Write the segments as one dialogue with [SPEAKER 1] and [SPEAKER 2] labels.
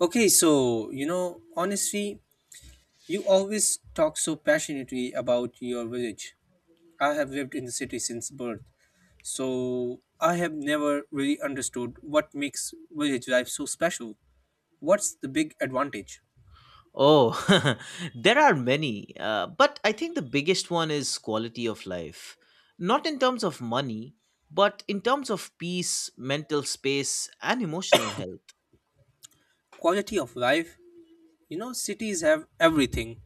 [SPEAKER 1] Okay, so you know, honestly, you always talk so passionately about your village. I have lived in the city since birth, so I have never really understood what makes village life so special. What's the big advantage?
[SPEAKER 2] Oh, there are many, but I think the biggest one is quality of life. Not in terms of money, but in terms of peace, mental space, and emotional health.
[SPEAKER 1] Quality of life. You know, cities have everything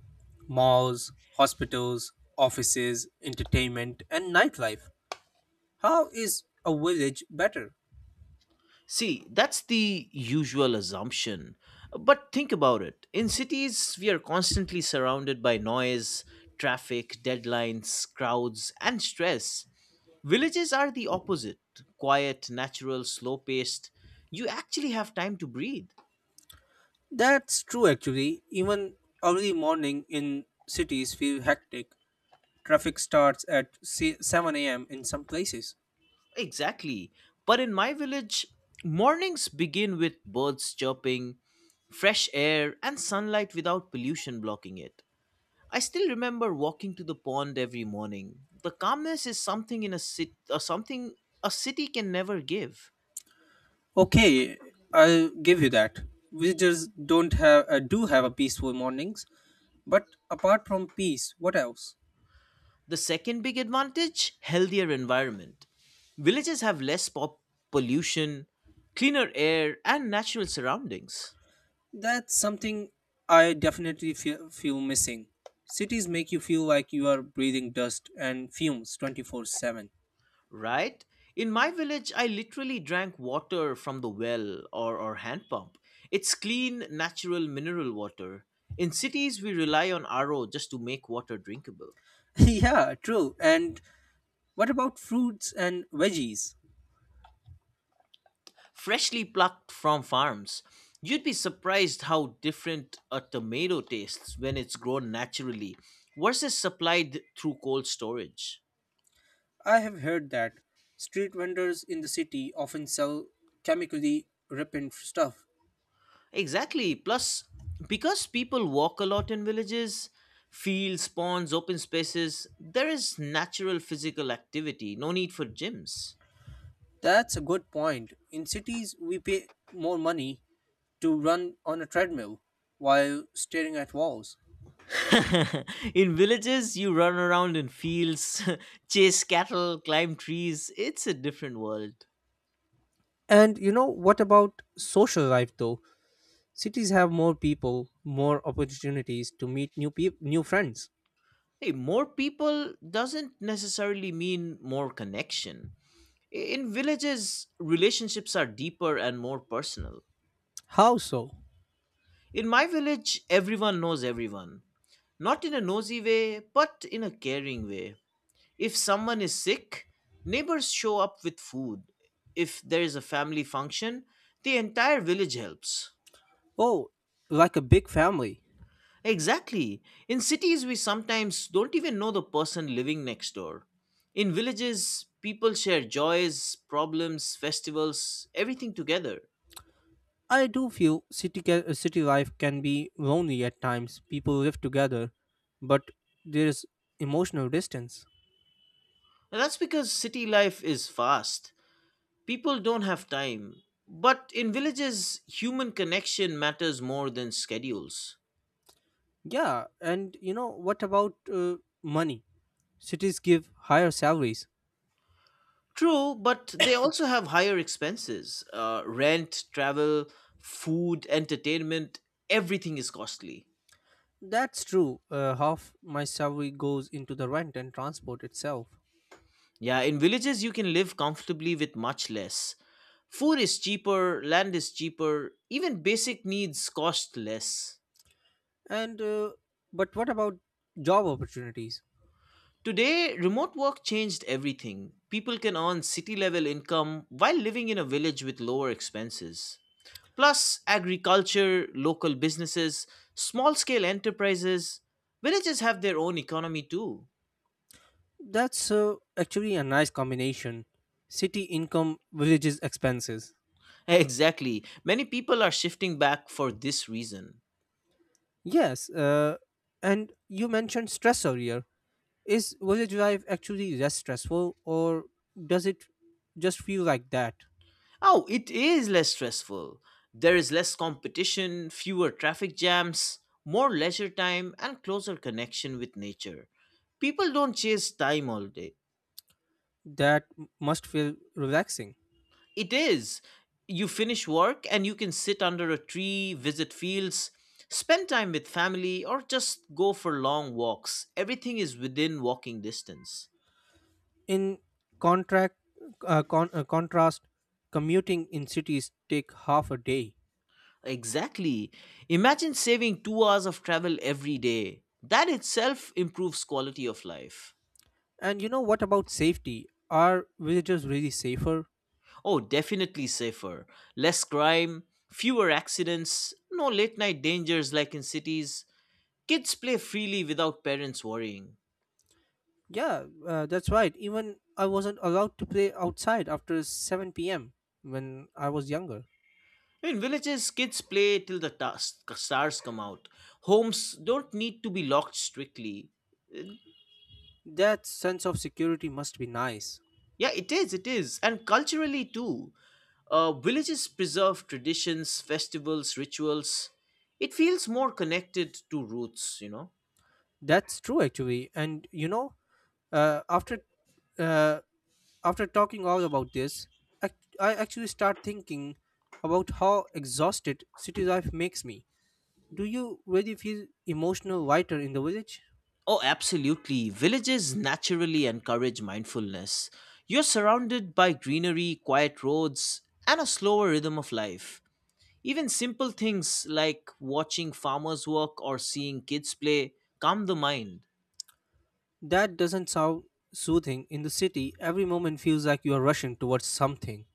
[SPEAKER 1] malls, hospitals, offices, entertainment, and nightlife. How is a village better?
[SPEAKER 2] See, that's the usual assumption. But think about it. In cities, we are constantly surrounded by noise, traffic, deadlines, crowds, and stress. Villages are the opposite quiet, natural, slow paced. You actually have time to breathe.
[SPEAKER 1] That's true actually. Even early morning in cities feel hectic. Traffic starts at 7 a.m. in some places.
[SPEAKER 2] Exactly. But in my village, mornings begin with birds chirping, fresh air, and sunlight without pollution blocking it. I still remember walking to the pond every morning. The calmness is something in a city, or something a city can never give.
[SPEAKER 1] Okay, I'll give you that. Villagers don't have do have a peaceful mornings, but apart from peace, what else?
[SPEAKER 2] The second big advantage, healthier environment. Villages have less pop pollution, cleaner air, and natural surroundings.
[SPEAKER 1] That's something I definitely feel missing. Cities make you feel like you are breathing dust and fumes 24/7.
[SPEAKER 2] Right? In my village, I literally drank water from the well or hand pump. It's clean, natural mineral water. In cities, we rely on RO just to make water drinkable.
[SPEAKER 1] Yeah, true. And what about fruits and veggies?
[SPEAKER 2] Freshly plucked from farms. You'd be surprised how different a tomato tastes when it's grown naturally versus supplied through cold storage.
[SPEAKER 1] I have heard that street vendors in the city often sell chemically repellent stuff.
[SPEAKER 2] Exactly. Plus, because people walk a lot in villages, fields, ponds, open spaces, there is natural physical activity, no need for gyms.
[SPEAKER 1] That's a good point. In cities, we pay more money to run on a treadmill while staring at walls.
[SPEAKER 2] in villages, you run around in fields, chase cattle, climb trees. It's a different world.
[SPEAKER 1] And you know, what about social life though? Cities have more people, more opportunities to meet new friends.
[SPEAKER 2] Hey, more people doesn't necessarily mean more connection. In villages, relationships are deeper and more personal.
[SPEAKER 1] How so?
[SPEAKER 2] In my village, everyone knows everyone. Not in a nosy way, but in a caring way. If someone is sick, neighbors show up with food. If there is a family function, the entire village helps.
[SPEAKER 1] Oh, like a big family.
[SPEAKER 2] Exactly. In cities, we sometimes don't even know the person living next door. In villages, people share joys, problems, festivals, everything together.
[SPEAKER 1] I do feel city life can be lonely at times. People live together, but there's emotional distance.
[SPEAKER 2] And that's because city life is fast. People don't have time. But in villages, human connection matters more than schedules.
[SPEAKER 1] Yeah, and you know what about money? Cities give higher salaries.
[SPEAKER 2] True, but they also have higher expenses rent, travel, food, entertainment, everything is costly.
[SPEAKER 1] That's true. Half my salary goes into the rent and transport itself.
[SPEAKER 2] Yeah, in villages, you can live comfortably with much less. Food is cheaper, land is cheaper, even basic needs cost less.
[SPEAKER 1] And but what about job opportunities?
[SPEAKER 2] Today, remote work changed everything. People can earn city level income while living in a village with lower expenses. Plus, agriculture, local businesses, small scale enterprises, villages have their own economy too.
[SPEAKER 1] That's actually a nice combination. City income, villages expenses.
[SPEAKER 2] Exactly. Many people are shifting back for this reason.
[SPEAKER 1] Yes, and you mentioned stress earlier. Is village life actually less stressful, or does it just feel like that?
[SPEAKER 2] Oh, it is less stressful. There is less competition, fewer traffic jams, more leisure time, and closer connection with nature. People don't chase time all day.
[SPEAKER 1] Must feel relaxing.
[SPEAKER 2] It is. You finish work and you can sit under a tree, visit fields, spend time with family, or just go for long walks. Everything is within walking distance.
[SPEAKER 1] In contract, contrast, commuting in cities take half a day.
[SPEAKER 2] Exactly. Imagine saving 2 hours of travel every day. That itself improves quality of life.
[SPEAKER 1] And you know what about safety? Are villagers really safer?
[SPEAKER 2] Oh, definitely safer. Less crime, fewer accidents, no late night dangers like in cities. Kids play freely without parents worrying.
[SPEAKER 1] Yeah, that's right. Even I wasn't allowed to play outside after 7 p.m. when I was younger.
[SPEAKER 2] In villages, kids play till the stars come out. Homes don't need to be locked strictly. Uh,
[SPEAKER 1] That sense of security must be nice.
[SPEAKER 2] Yeah, it is. And culturally, too. Villages preserve traditions, festivals, rituals. It feels more connected to roots, you know?
[SPEAKER 1] That's true, actually. And you know, uh, after uh, after talking all about this, I, I actually start thinking about how exhausted city life makes me. Do you really feel emotional lighter in the village?
[SPEAKER 2] Oh, absolutely. Villages naturally encourage mindfulness. You're surrounded by greenery, quiet roads, and a slower rhythm of life. Even simple things like watching farmers work or seeing kids play calm the mind.
[SPEAKER 1] That doesn't sound soothing. In the city, every moment feels like you are rushing towards something.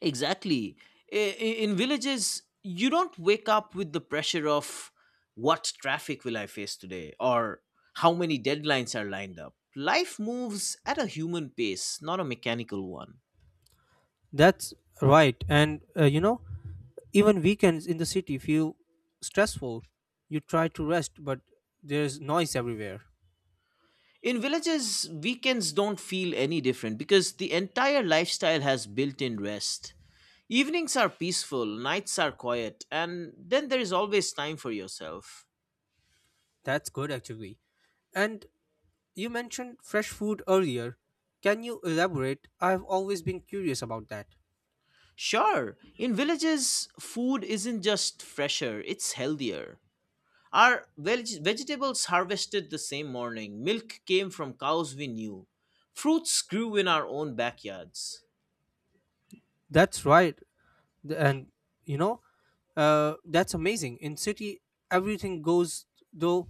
[SPEAKER 2] Exactly. In villages, you don't wake up with the pressure of what traffic will I face today or how many deadlines are lined up. Life moves at a human pace, not a mechanical one.
[SPEAKER 1] That's right. And you know, even weekends in the city feel stressful. You try to rest, but there's noise everywhere.
[SPEAKER 2] In villages, weekends don't feel any different because the entire lifestyle has built in rest. Evenings are peaceful, nights are quiet, and then there is always time for yourself.
[SPEAKER 1] That's good actually. And you mentioned fresh food earlier. Can you elaborate? I've always been curious about that.
[SPEAKER 2] Sure, in villages, food isn't just fresher, it's healthier. Our vegetables harvested the same morning, milk came from cows we knew, fruits grew in our own backyards.
[SPEAKER 1] That's right. And you know, that's amazing. In city, everything goes though.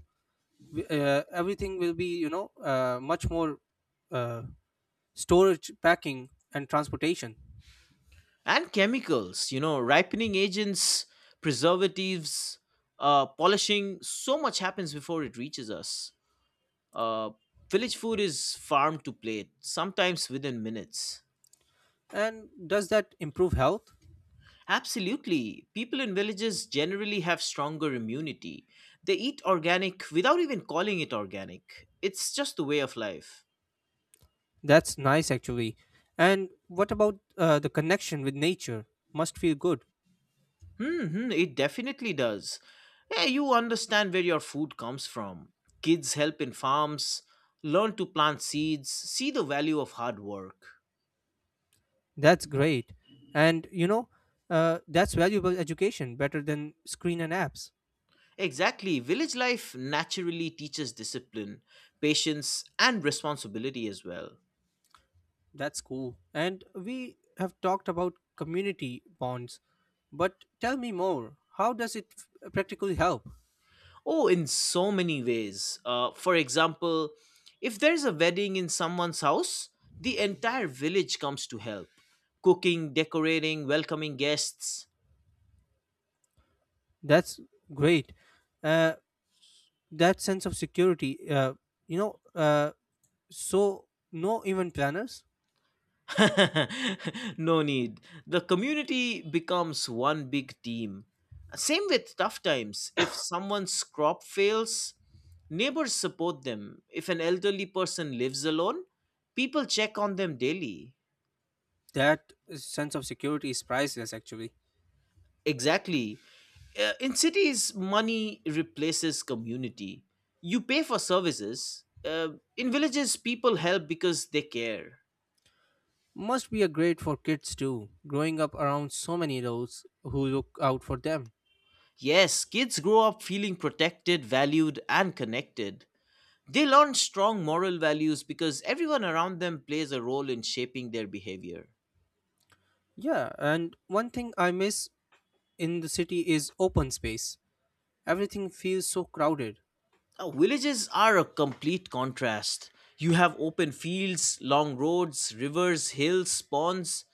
[SPEAKER 1] Everything will be much more uh, storage, packing, and transportation.
[SPEAKER 2] And chemicals, you know, ripening agents, preservatives, polishing, so much happens before it reaches us. Uh, Village food is farm to plate, sometimes within minutes.
[SPEAKER 1] And does that improve health?
[SPEAKER 2] Absolutely. People in villages generally have stronger immunity. They eat organic without even calling it organic. It's just the way of life.
[SPEAKER 1] That's nice, actually. And what about the connection with nature? Must feel good.
[SPEAKER 2] Hmm, it definitely does. Yeah, you understand where your food comes from. Kids help in farms, learn to plant seeds, see the value of hard work.
[SPEAKER 1] That's great. And you know, that's valuable education, better than screen and apps.
[SPEAKER 2] Exactly. Village life naturally teaches discipline, patience, and responsibility as well.
[SPEAKER 1] That's cool. And we have talked about community bonds, but tell me more. How does it practically help?
[SPEAKER 2] Oh, in so many ways. For example, if there's a wedding in someone's house, the entire village comes to help cooking, decorating, welcoming guests.
[SPEAKER 1] That's great. Uh, that sense of security, you know, So, no event planners?
[SPEAKER 2] no need. The community becomes one big team. Same with tough times. If someone's crop fails, neighbors support them. If an elderly person lives alone, people check on them daily.
[SPEAKER 1] That sense of security is priceless, actually.
[SPEAKER 2] Exactly. In cities, money replaces community. You pay for services. In villages, people help because they care.
[SPEAKER 1] Must be a great for kids too, growing up around so many adults who look out for them.
[SPEAKER 2] Yes, kids grow up feeling protected, valued, and connected. They learn strong moral values because everyone around them plays a role in shaping their behavior.
[SPEAKER 1] Yeah, and one thing I miss in the city is open space. Everything feels so crowded.
[SPEAKER 2] Now, villages are a complete contrast. You have open fields, long roads, rivers, hills, ponds.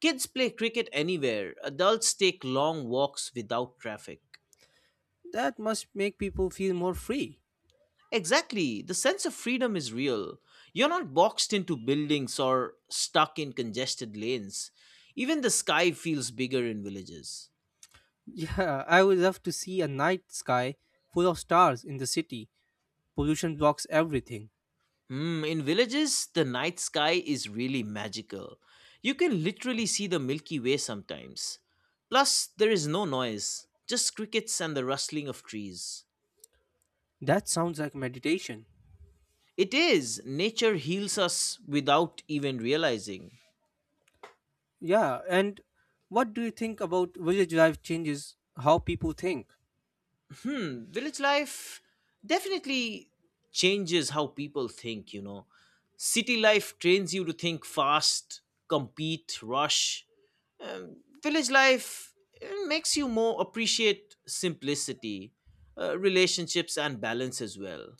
[SPEAKER 2] Kids play cricket anywhere. Adults take long walks without traffic.
[SPEAKER 1] That must make people feel more free.
[SPEAKER 2] Exactly. The sense of freedom is real. You're not boxed into buildings or stuck in congested lanes. Even the sky feels bigger in villages.
[SPEAKER 1] Yeah, I would love to see a night sky full of stars in the city. Pollution blocks everything.
[SPEAKER 2] Mm, in villages, the night sky is really magical. You can literally see the Milky Way sometimes. Plus, there is no noise, just crickets and the rustling of trees.
[SPEAKER 1] That sounds like meditation.
[SPEAKER 2] It is, nature heals us without even realizing.
[SPEAKER 1] Yeah, and what do you think about village life changes how people think?
[SPEAKER 2] Hmm, village life definitely changes how people think, you know. City life trains you to think fast, compete, rush, Um, village life makes you more appreciate simplicity, relationships, and balance as well.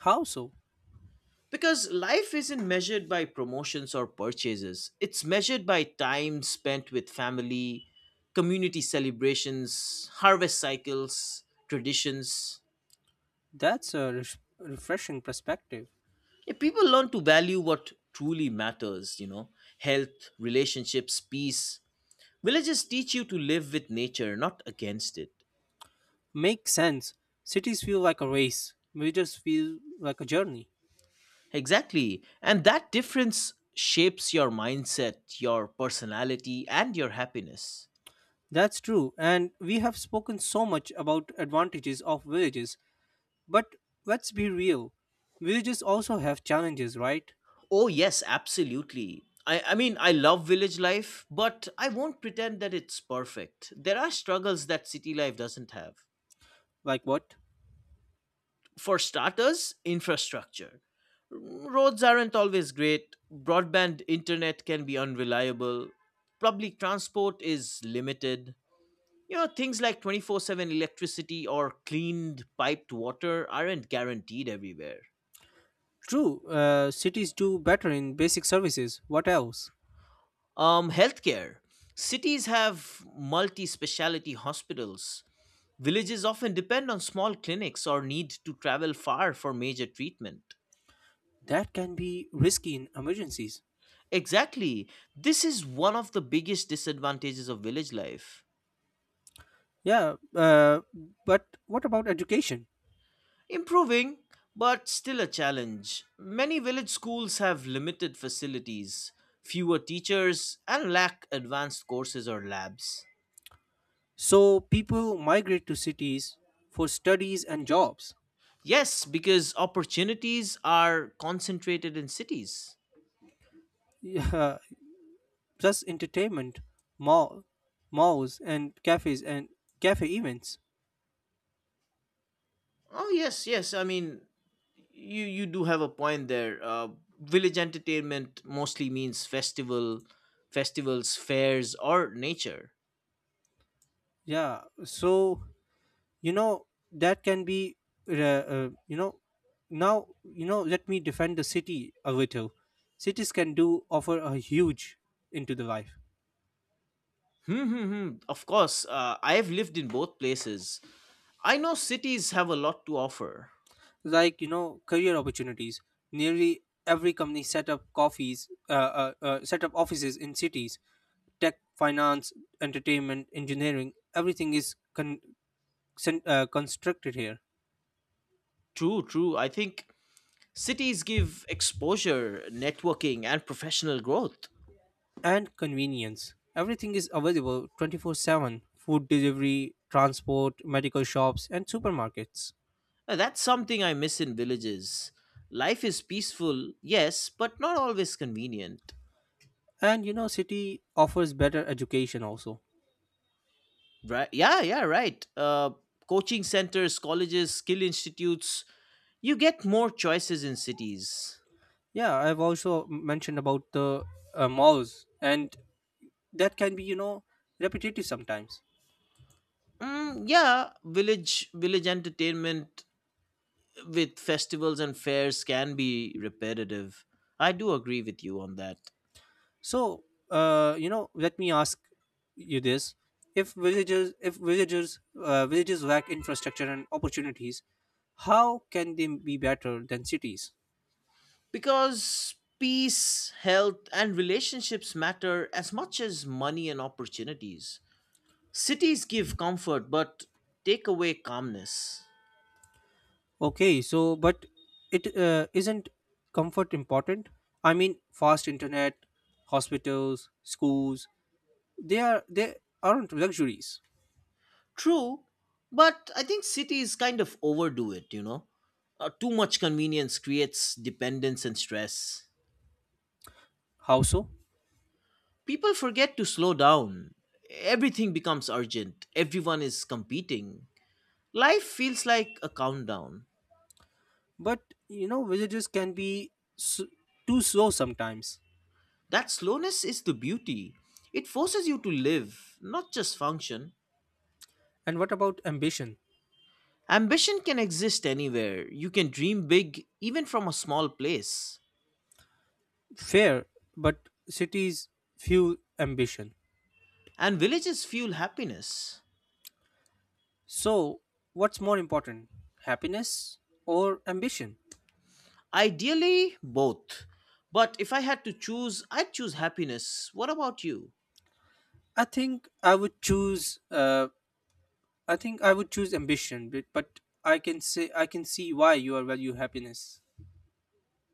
[SPEAKER 1] How so?
[SPEAKER 2] Because life isn't measured by promotions or purchases, it's measured by time spent with family, community celebrations, harvest cycles, traditions.
[SPEAKER 1] That's a refreshing perspective.
[SPEAKER 2] Yeah, people learn to value what truly matters, you know, health, relationships, peace. Villages teach you to live with nature, not against it.
[SPEAKER 1] Makes sense. Cities feel like a race, villages feel like a journey.
[SPEAKER 2] Exactly. And that difference shapes your mindset, your personality, and your happiness.
[SPEAKER 1] That's true, and we have spoken so much about advantages of villages, but let's be real. Villages also have challenges, right?
[SPEAKER 2] Oh, yes, absolutely. I mean, I love village life, but I won't pretend that it's perfect. There are struggles that city life doesn't have.
[SPEAKER 1] Like what?
[SPEAKER 2] For starters, infrastructure. Roads aren't always great, broadband internet can be unreliable, public transport is limited. You know, things like 24/7 electricity or cleaned piped water aren't guaranteed everywhere.
[SPEAKER 1] True, cities do better in basic services. What else?
[SPEAKER 2] Healthcare. Cities have multi speciality hospitals. Villages often depend on small clinics or need to travel far for major treatment.
[SPEAKER 1] That can be risky in emergencies.
[SPEAKER 2] Exactly. This is one of the biggest disadvantages of village life.
[SPEAKER 1] Yeah, but what about education?
[SPEAKER 2] Improving, but still a challenge. Many village schools have limited facilities, fewer teachers, and lack advanced courses or labs.
[SPEAKER 1] So people migrate to cities for studies and jobs,
[SPEAKER 2] Yes, because opportunities are concentrated in cities.
[SPEAKER 1] yeah, plus entertainment, mall, malls and cafes and cafe events.
[SPEAKER 2] Oh, yes, yes. I mean, you do have a point there. Village entertainment mostly means festivals, fairs, or nature.
[SPEAKER 1] Yeah, so you know that can be, you know, now you know. Let me defend the city a little. Cities can do offer a huge into the life.
[SPEAKER 2] Hmm, hmm, hmm. Of course, I have lived in both places. I know cities have a lot to offer.
[SPEAKER 1] Like you know career opportunities, nearly every company set up offices in cities, tech, finance, entertainment, engineering, everything is constructed here.
[SPEAKER 2] True, true. I think cities give exposure, networking, and professional growth.
[SPEAKER 1] And convenience, everything is available 24/7, food delivery, transport, medical shops, and supermarkets.
[SPEAKER 2] That's something I miss in villages. Life is peaceful, yes, but not always convenient.
[SPEAKER 1] And you know city offers better education also.
[SPEAKER 2] Right? Yeah, yeah, right. Coaching centers, colleges, skill institutes. You get more choices in cities.
[SPEAKER 1] Yeah, I've also mentioned about the malls and that can be you know repetitive sometimes.
[SPEAKER 2] Mm, yeah, village entertainment with festivals and fairs can be repetitive. I do agree with you on that.
[SPEAKER 1] So you know let me ask you this. If villagers if villagers uh, villages lack infrastructure and opportunities, how can they be better than cities?
[SPEAKER 2] Because peace, health, and relationships matter as much as money and opportunities. Cities give comfort but take away calmness.
[SPEAKER 1] Okay, so but it isn't comfort important? I mean fast internet, hospitals, schools, they are they aren't luxuries.
[SPEAKER 2] True, but I think cities kind of overdo it, you know? Too much convenience creates dependence and stress.
[SPEAKER 1] How so?
[SPEAKER 2] People forget to slow down. Everything becomes urgent, everyone is competing. Life feels like a countdown.
[SPEAKER 1] But you know villages can be s- too slow sometimes.
[SPEAKER 2] That slowness is the beauty. It forces you to live, not just function.
[SPEAKER 1] And what about ambition?
[SPEAKER 2] Ambition can exist anywhere. You can dream big, even from a small place.
[SPEAKER 1] Fair, but cities few ambition.
[SPEAKER 2] And villages fuel happiness.
[SPEAKER 1] So, what's more important, happiness or ambition?
[SPEAKER 2] Ideally, both. But if I had to choose, I'd choose happiness. What about you?
[SPEAKER 1] I think I would choose. Uh, I think I would choose ambition, but I can say I can see why you are value happiness.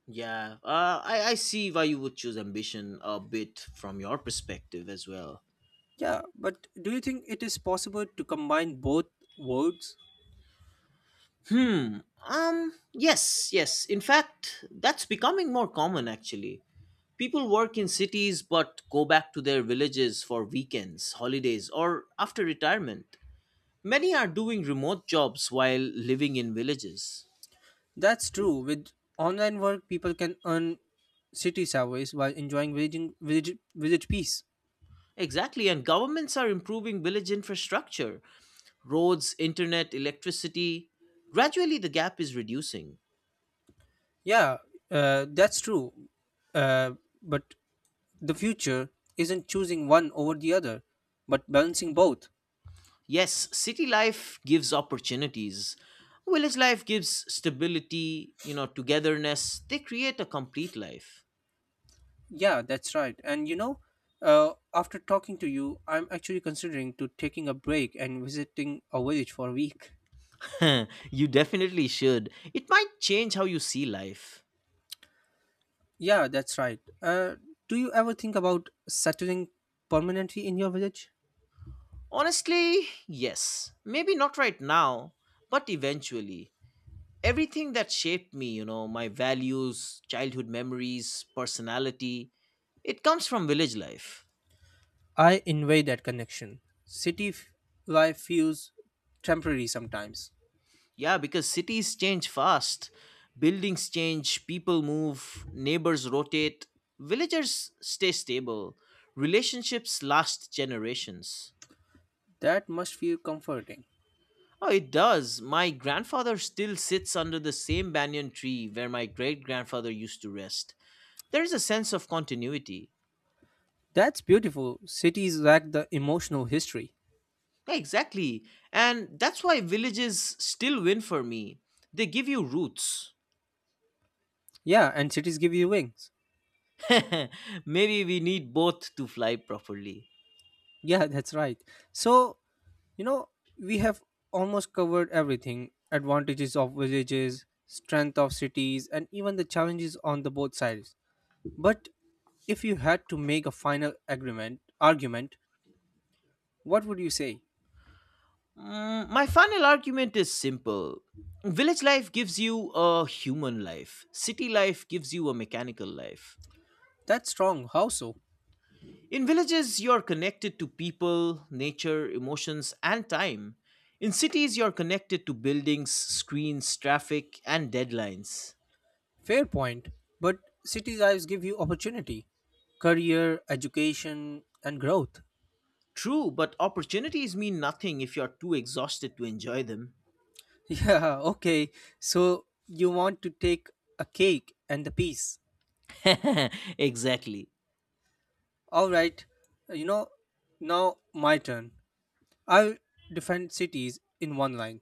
[SPEAKER 2] Yeah, I see why you would choose ambition a bit from your perspective as well.
[SPEAKER 1] Yeah, but do you think it is possible to combine both words?
[SPEAKER 2] Hmm. Yes. Yes. In fact, that's becoming more common actually. People work in cities but go back to their villages for weekends, holidays, or after retirement. Many are doing remote jobs while living in villages.
[SPEAKER 1] That's true. With online work, people can earn city salaries while enjoying village peace.
[SPEAKER 2] Exactly, and governments are improving village infrastructure roads, internet, electricity. Gradually, the gap is reducing.
[SPEAKER 1] Yeah, that's true. Uh, but the future isn't choosing one over the other, but balancing both.
[SPEAKER 2] Yes, city life gives opportunities. Village life gives stability, you know, togetherness. They create a complete life.
[SPEAKER 1] Yeah, that's right. And you know, after talking to you, I'm actually considering to taking a break and visiting a village for a week.
[SPEAKER 2] you definitely should. It might change how you see life.
[SPEAKER 1] Yeah, that's right. Do you ever think about settling permanently in your village?
[SPEAKER 2] Honestly, yes. Maybe not right now, but eventually. Everything that shaped me, you know, my values, childhood memories, personality, it comes from village life.
[SPEAKER 1] I envy that connection. City life feels temporary sometimes.
[SPEAKER 2] Yeah, because cities change fast, buildings change, people move, neighbors rotate, villagers stay stable, relationships last generations.
[SPEAKER 1] That must feel comforting.
[SPEAKER 2] Oh, it does. My grandfather still sits under the same banyan tree where my great grandfather used to rest. There is a sense of continuity.
[SPEAKER 1] That's beautiful. Cities lack the emotional history.
[SPEAKER 2] Yeah, exactly. And that's why villages still win for me. They give you roots.
[SPEAKER 1] Yeah, and cities give you wings.
[SPEAKER 2] Maybe we need both to fly properly.
[SPEAKER 1] Yeah, that's right. So, you know, we have almost covered everything advantages of villages, strength of cities, and even the challenges on the both sides. But if you had to make a final agreement argument, what would you say?
[SPEAKER 2] My final argument is simple. Village life gives you a human life, city life gives you a mechanical life.
[SPEAKER 1] That's strong. How so?
[SPEAKER 2] In villages, you're connected to people, nature, emotions, and time. In cities, you're connected to buildings, screens, traffic, and deadlines.
[SPEAKER 1] Fair point. But city lives give you opportunity, career, education, and growth.
[SPEAKER 2] True, but opportunities mean nothing if you're too exhausted to enjoy them.
[SPEAKER 1] Yeah, okay. So you want to take a cake and the piece.
[SPEAKER 2] Exactly.
[SPEAKER 1] All right. You know, now my turn. I'll defend cities in one line.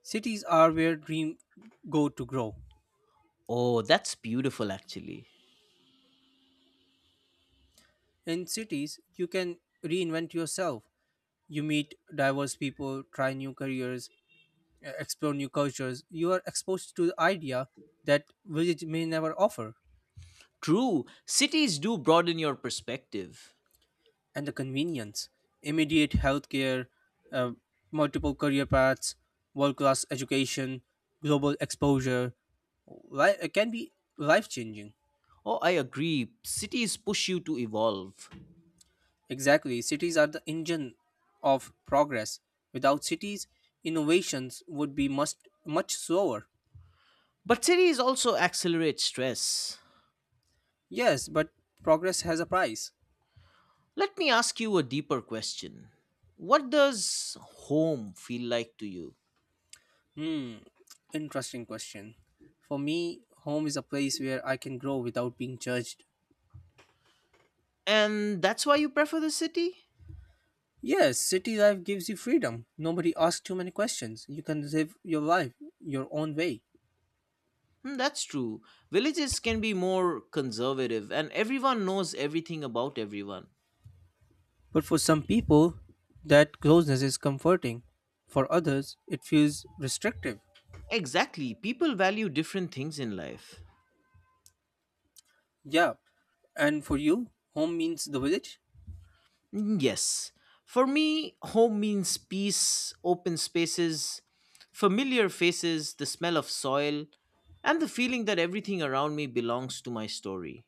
[SPEAKER 1] Cities are where dreams go to grow.
[SPEAKER 2] Oh, that's beautiful, actually.
[SPEAKER 1] In cities, you can reinvent yourself. You meet diverse people, try new careers, explore new cultures. You are exposed to the idea that village may never offer.
[SPEAKER 2] True, cities do broaden your perspective.
[SPEAKER 1] And the convenience, immediate healthcare, uh, multiple career paths, world class education, global exposure can be life changing.
[SPEAKER 2] Oh, I agree. Cities push you to evolve.
[SPEAKER 1] Exactly, cities are the engine of progress. Without cities, innovations would be much, much slower.
[SPEAKER 2] But cities also accelerate stress.
[SPEAKER 1] Yes, but progress has a price.
[SPEAKER 2] Let me ask you a deeper question. What does home feel like to you?
[SPEAKER 1] Hmm, interesting question. For me, home is a place where I can grow without being judged.
[SPEAKER 2] And that's why you prefer the city?
[SPEAKER 1] Yes, city life gives you freedom. Nobody asks too many questions. You can live your life your own way.
[SPEAKER 2] Hmm, that's true. Villages can be more conservative, and everyone knows everything about everyone.
[SPEAKER 1] But for some people, that closeness is comforting. For others, it feels restrictive.
[SPEAKER 2] Exactly. People value different things in life.
[SPEAKER 1] Yeah, and for you, home means the village?
[SPEAKER 2] Mm, yes. For me, home means peace, open spaces, familiar faces, the smell of soil, and the feeling that everything around me belongs to my story.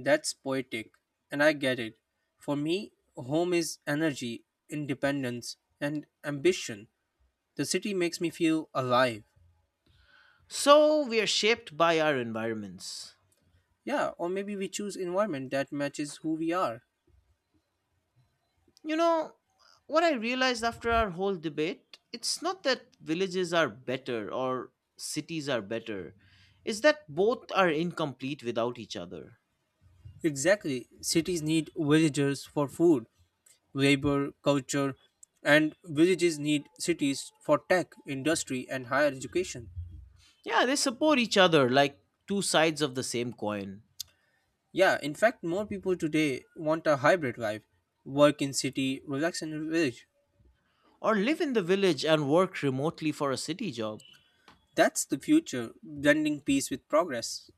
[SPEAKER 1] That's poetic, and I get it. For me, home is energy, independence, and ambition. The city makes me feel alive.
[SPEAKER 2] So we are shaped by our environments.
[SPEAKER 1] Yeah, or maybe we choose environment that matches who we are.
[SPEAKER 2] You know, what I realized after our whole debate, it's not that villages are better or cities are better. It's that both are incomplete without each other.
[SPEAKER 1] Exactly. Cities need villagers for food, labor, culture, and villages need cities for tech, industry, and higher education.
[SPEAKER 2] Yeah, they support each other like two sides of the same coin.
[SPEAKER 1] Yeah, in fact, more people today want a hybrid life, work in city, relax in village.
[SPEAKER 2] Or live in the village and work remotely for a city job.
[SPEAKER 1] That's the future, blending peace with progress.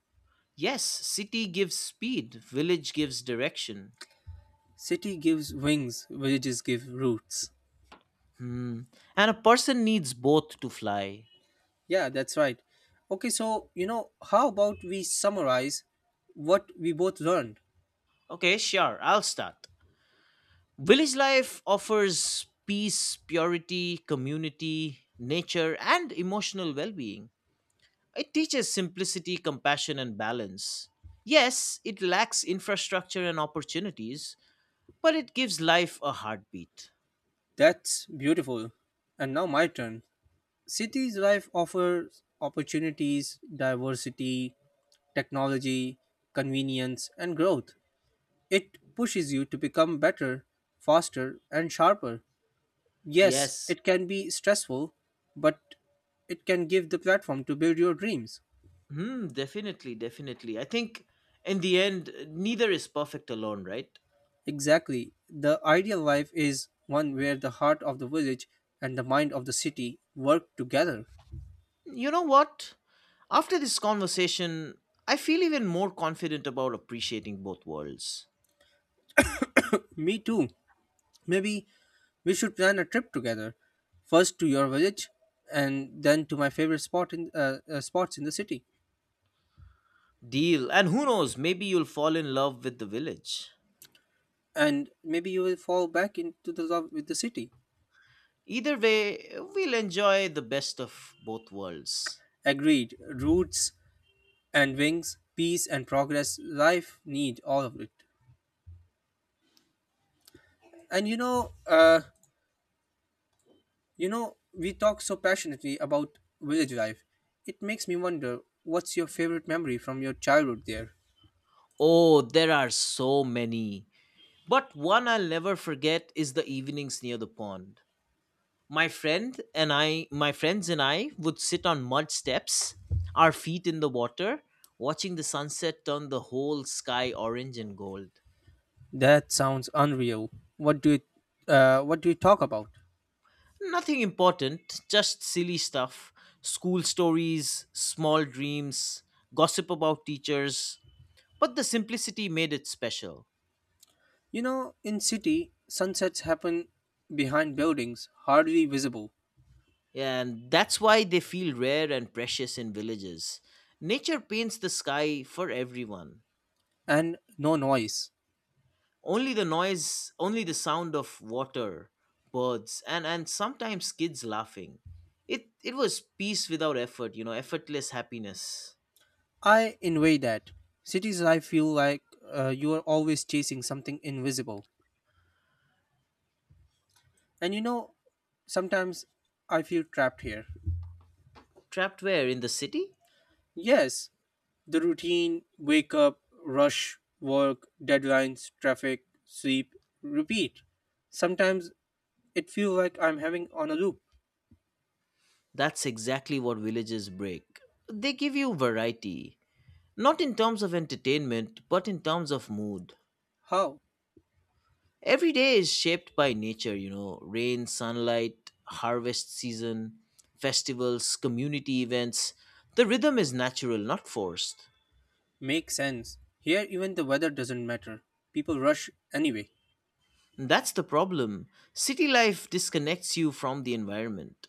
[SPEAKER 2] Yes, city gives speed, village gives direction.
[SPEAKER 1] City gives wings, villages give roots.
[SPEAKER 2] Hmm. And a person needs both to fly.
[SPEAKER 1] Yeah, that's right. Okay, so, you know, how about we summarize what we both learned?
[SPEAKER 2] Okay, sure, I'll start. Village life offers peace, purity, community, nature, and emotional well being. It teaches simplicity, compassion, and balance. Yes, it lacks infrastructure and opportunities, but it gives life a heartbeat.
[SPEAKER 1] That's beautiful. And now my turn. Cities life offers opportunities, diversity, technology, convenience, and growth. It pushes you to become better, faster, and sharper. Yes,
[SPEAKER 2] Yes.
[SPEAKER 1] it can be stressful, but it can give the platform to build your dreams.
[SPEAKER 2] Hmm, definitely, definitely. I think in the end, neither is perfect alone, right?
[SPEAKER 1] Exactly. The ideal life is one where the heart of the village and the mind of the city work together.
[SPEAKER 2] You know what? After this conversation, I feel even more confident about appreciating both worlds.
[SPEAKER 1] Me too. Maybe we should plan a trip together. First to your village, and then to my favorite spot in spots in the city.
[SPEAKER 2] Deal, and who knows, maybe you'll fall in love with the village.
[SPEAKER 1] And maybe you will fall back into the love with the city.
[SPEAKER 2] Either way, we'll enjoy the best of both worlds.
[SPEAKER 1] Agreed. Roots and wings, peace and progress. Life need all of it. And you know, we talk so passionately about village life. It makes me wonder, what's your favorite memory from your childhood there?
[SPEAKER 2] Oh, there are so many. But one I'll never forget is the evenings near the pond. My friends and I would sit on mud steps, our feet in the water, watching the sunset turn the whole sky orange and gold.
[SPEAKER 1] That sounds unreal. What do you, what do you talk about?
[SPEAKER 2] Nothing important, just silly stuff, school stories, small dreams, gossip about teachers, but the simplicity made it special.
[SPEAKER 1] You know, in city, sunsets happen behind buildings, hardly visible,
[SPEAKER 2] And that's why they feel rare and precious in villages. Nature paints the sky for everyone.
[SPEAKER 1] and no noise.
[SPEAKER 2] Only the noise, only the sound of water, birds, and sometimes kids laughing. It was peace without effort, effortless happiness.
[SPEAKER 1] I envy that. Cities, I feel like you are always chasing something invisible. And you know, sometimes I feel trapped here.
[SPEAKER 2] Trapped where? In the city?
[SPEAKER 1] Yes, the routine, wake up, rush, work, deadlines, traffic, sleep, repeat. Sometimes it feels like I'm having on a loop.
[SPEAKER 2] That's exactly what villages break. They give you variety, not in terms of entertainment, but in terms of mood.
[SPEAKER 1] How?
[SPEAKER 2] Every day is shaped by nature, you know, rain, sunlight, harvest season, festivals, community events. The rhythm is natural, not forced.
[SPEAKER 1] Makes sense. Here, even the weather doesn't matter. People rush anyway.
[SPEAKER 2] That's the problem. City life disconnects you from the environment.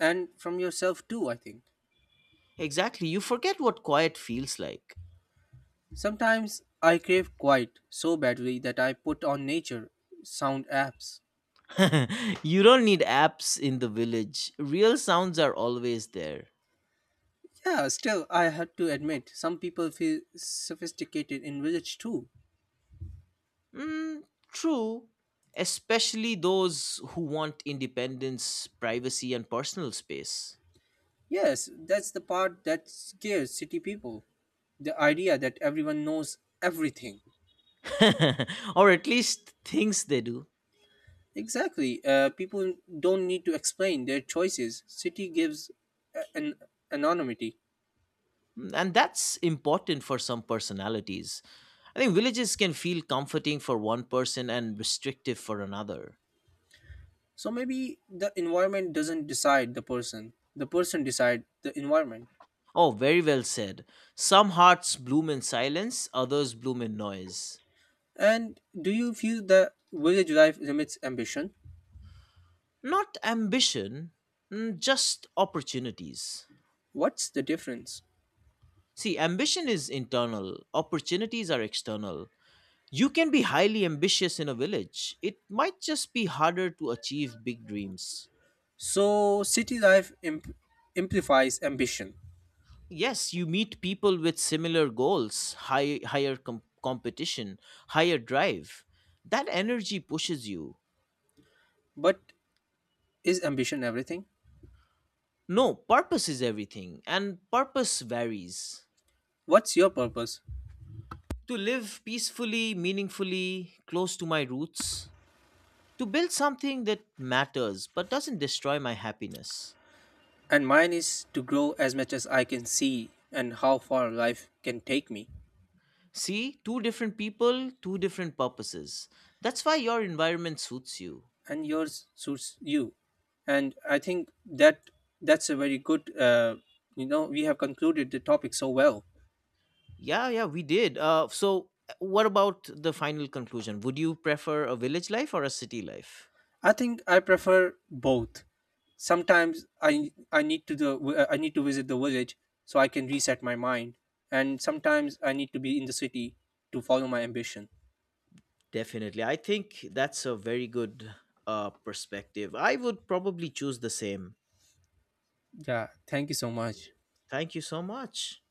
[SPEAKER 1] And from yourself too, I think.
[SPEAKER 2] Exactly, you forget what quiet feels like.
[SPEAKER 1] Sometimes I crave quiet so badly that I put on nature sound apps.
[SPEAKER 2] You don't need apps in the village. Real sounds are always there.
[SPEAKER 1] Yeah, still, I have to admit, some people feel sophisticated in village too.
[SPEAKER 2] Mm, true. Especially those who want independence, privacy, and personal space.
[SPEAKER 1] Yes, that's the part that scares city people. The idea that everyone knows everything.
[SPEAKER 2] Or at least thinks they do.
[SPEAKER 1] Exactly. People don't need to explain their choices. City gives an anonymity.
[SPEAKER 2] And that's important for some personalities. I think villages can feel comforting for one person and restrictive for another.
[SPEAKER 1] So maybe the environment doesn't decide the person. The person decide the environment.
[SPEAKER 2] Oh, very well said. Some hearts bloom in silence, others bloom in noise.
[SPEAKER 1] And do you feel that village life limits ambition?
[SPEAKER 2] Not ambition, just opportunities.
[SPEAKER 1] What's the difference?
[SPEAKER 2] See, ambition is internal, opportunities are external. You can be highly ambitious in a village. It might just be harder to achieve big dreams.
[SPEAKER 1] So city life amplifies ambition.
[SPEAKER 2] Yes, you meet people with similar goals, higher competition, higher drive. That energy pushes you.
[SPEAKER 1] But is ambition everything?
[SPEAKER 2] No, purpose is everything, and purpose varies.
[SPEAKER 1] What's your purpose?
[SPEAKER 2] To live peacefully, meaningfully, close to my roots, to build something that matters but doesn't destroy my happiness.
[SPEAKER 1] And mine is to grow as much as I can see and how far life can take me.
[SPEAKER 2] See, two different people, two different purposes. That's why your environment suits you.
[SPEAKER 1] And yours suits you. And I think that's a very good you know, we have concluded the topic so well.
[SPEAKER 2] Yeah, yeah, we did. So, what about the final conclusion? Would you prefer a village life or a city life?
[SPEAKER 1] I think I prefer both. Sometimes I need to the I need to visit the village so I can reset my mind, and sometimes I need to be in the city to follow my ambition.
[SPEAKER 2] Definitely. I think that's a very good perspective. I would probably choose the same.
[SPEAKER 1] Yeah, thank you so much.
[SPEAKER 2] Thank you so much.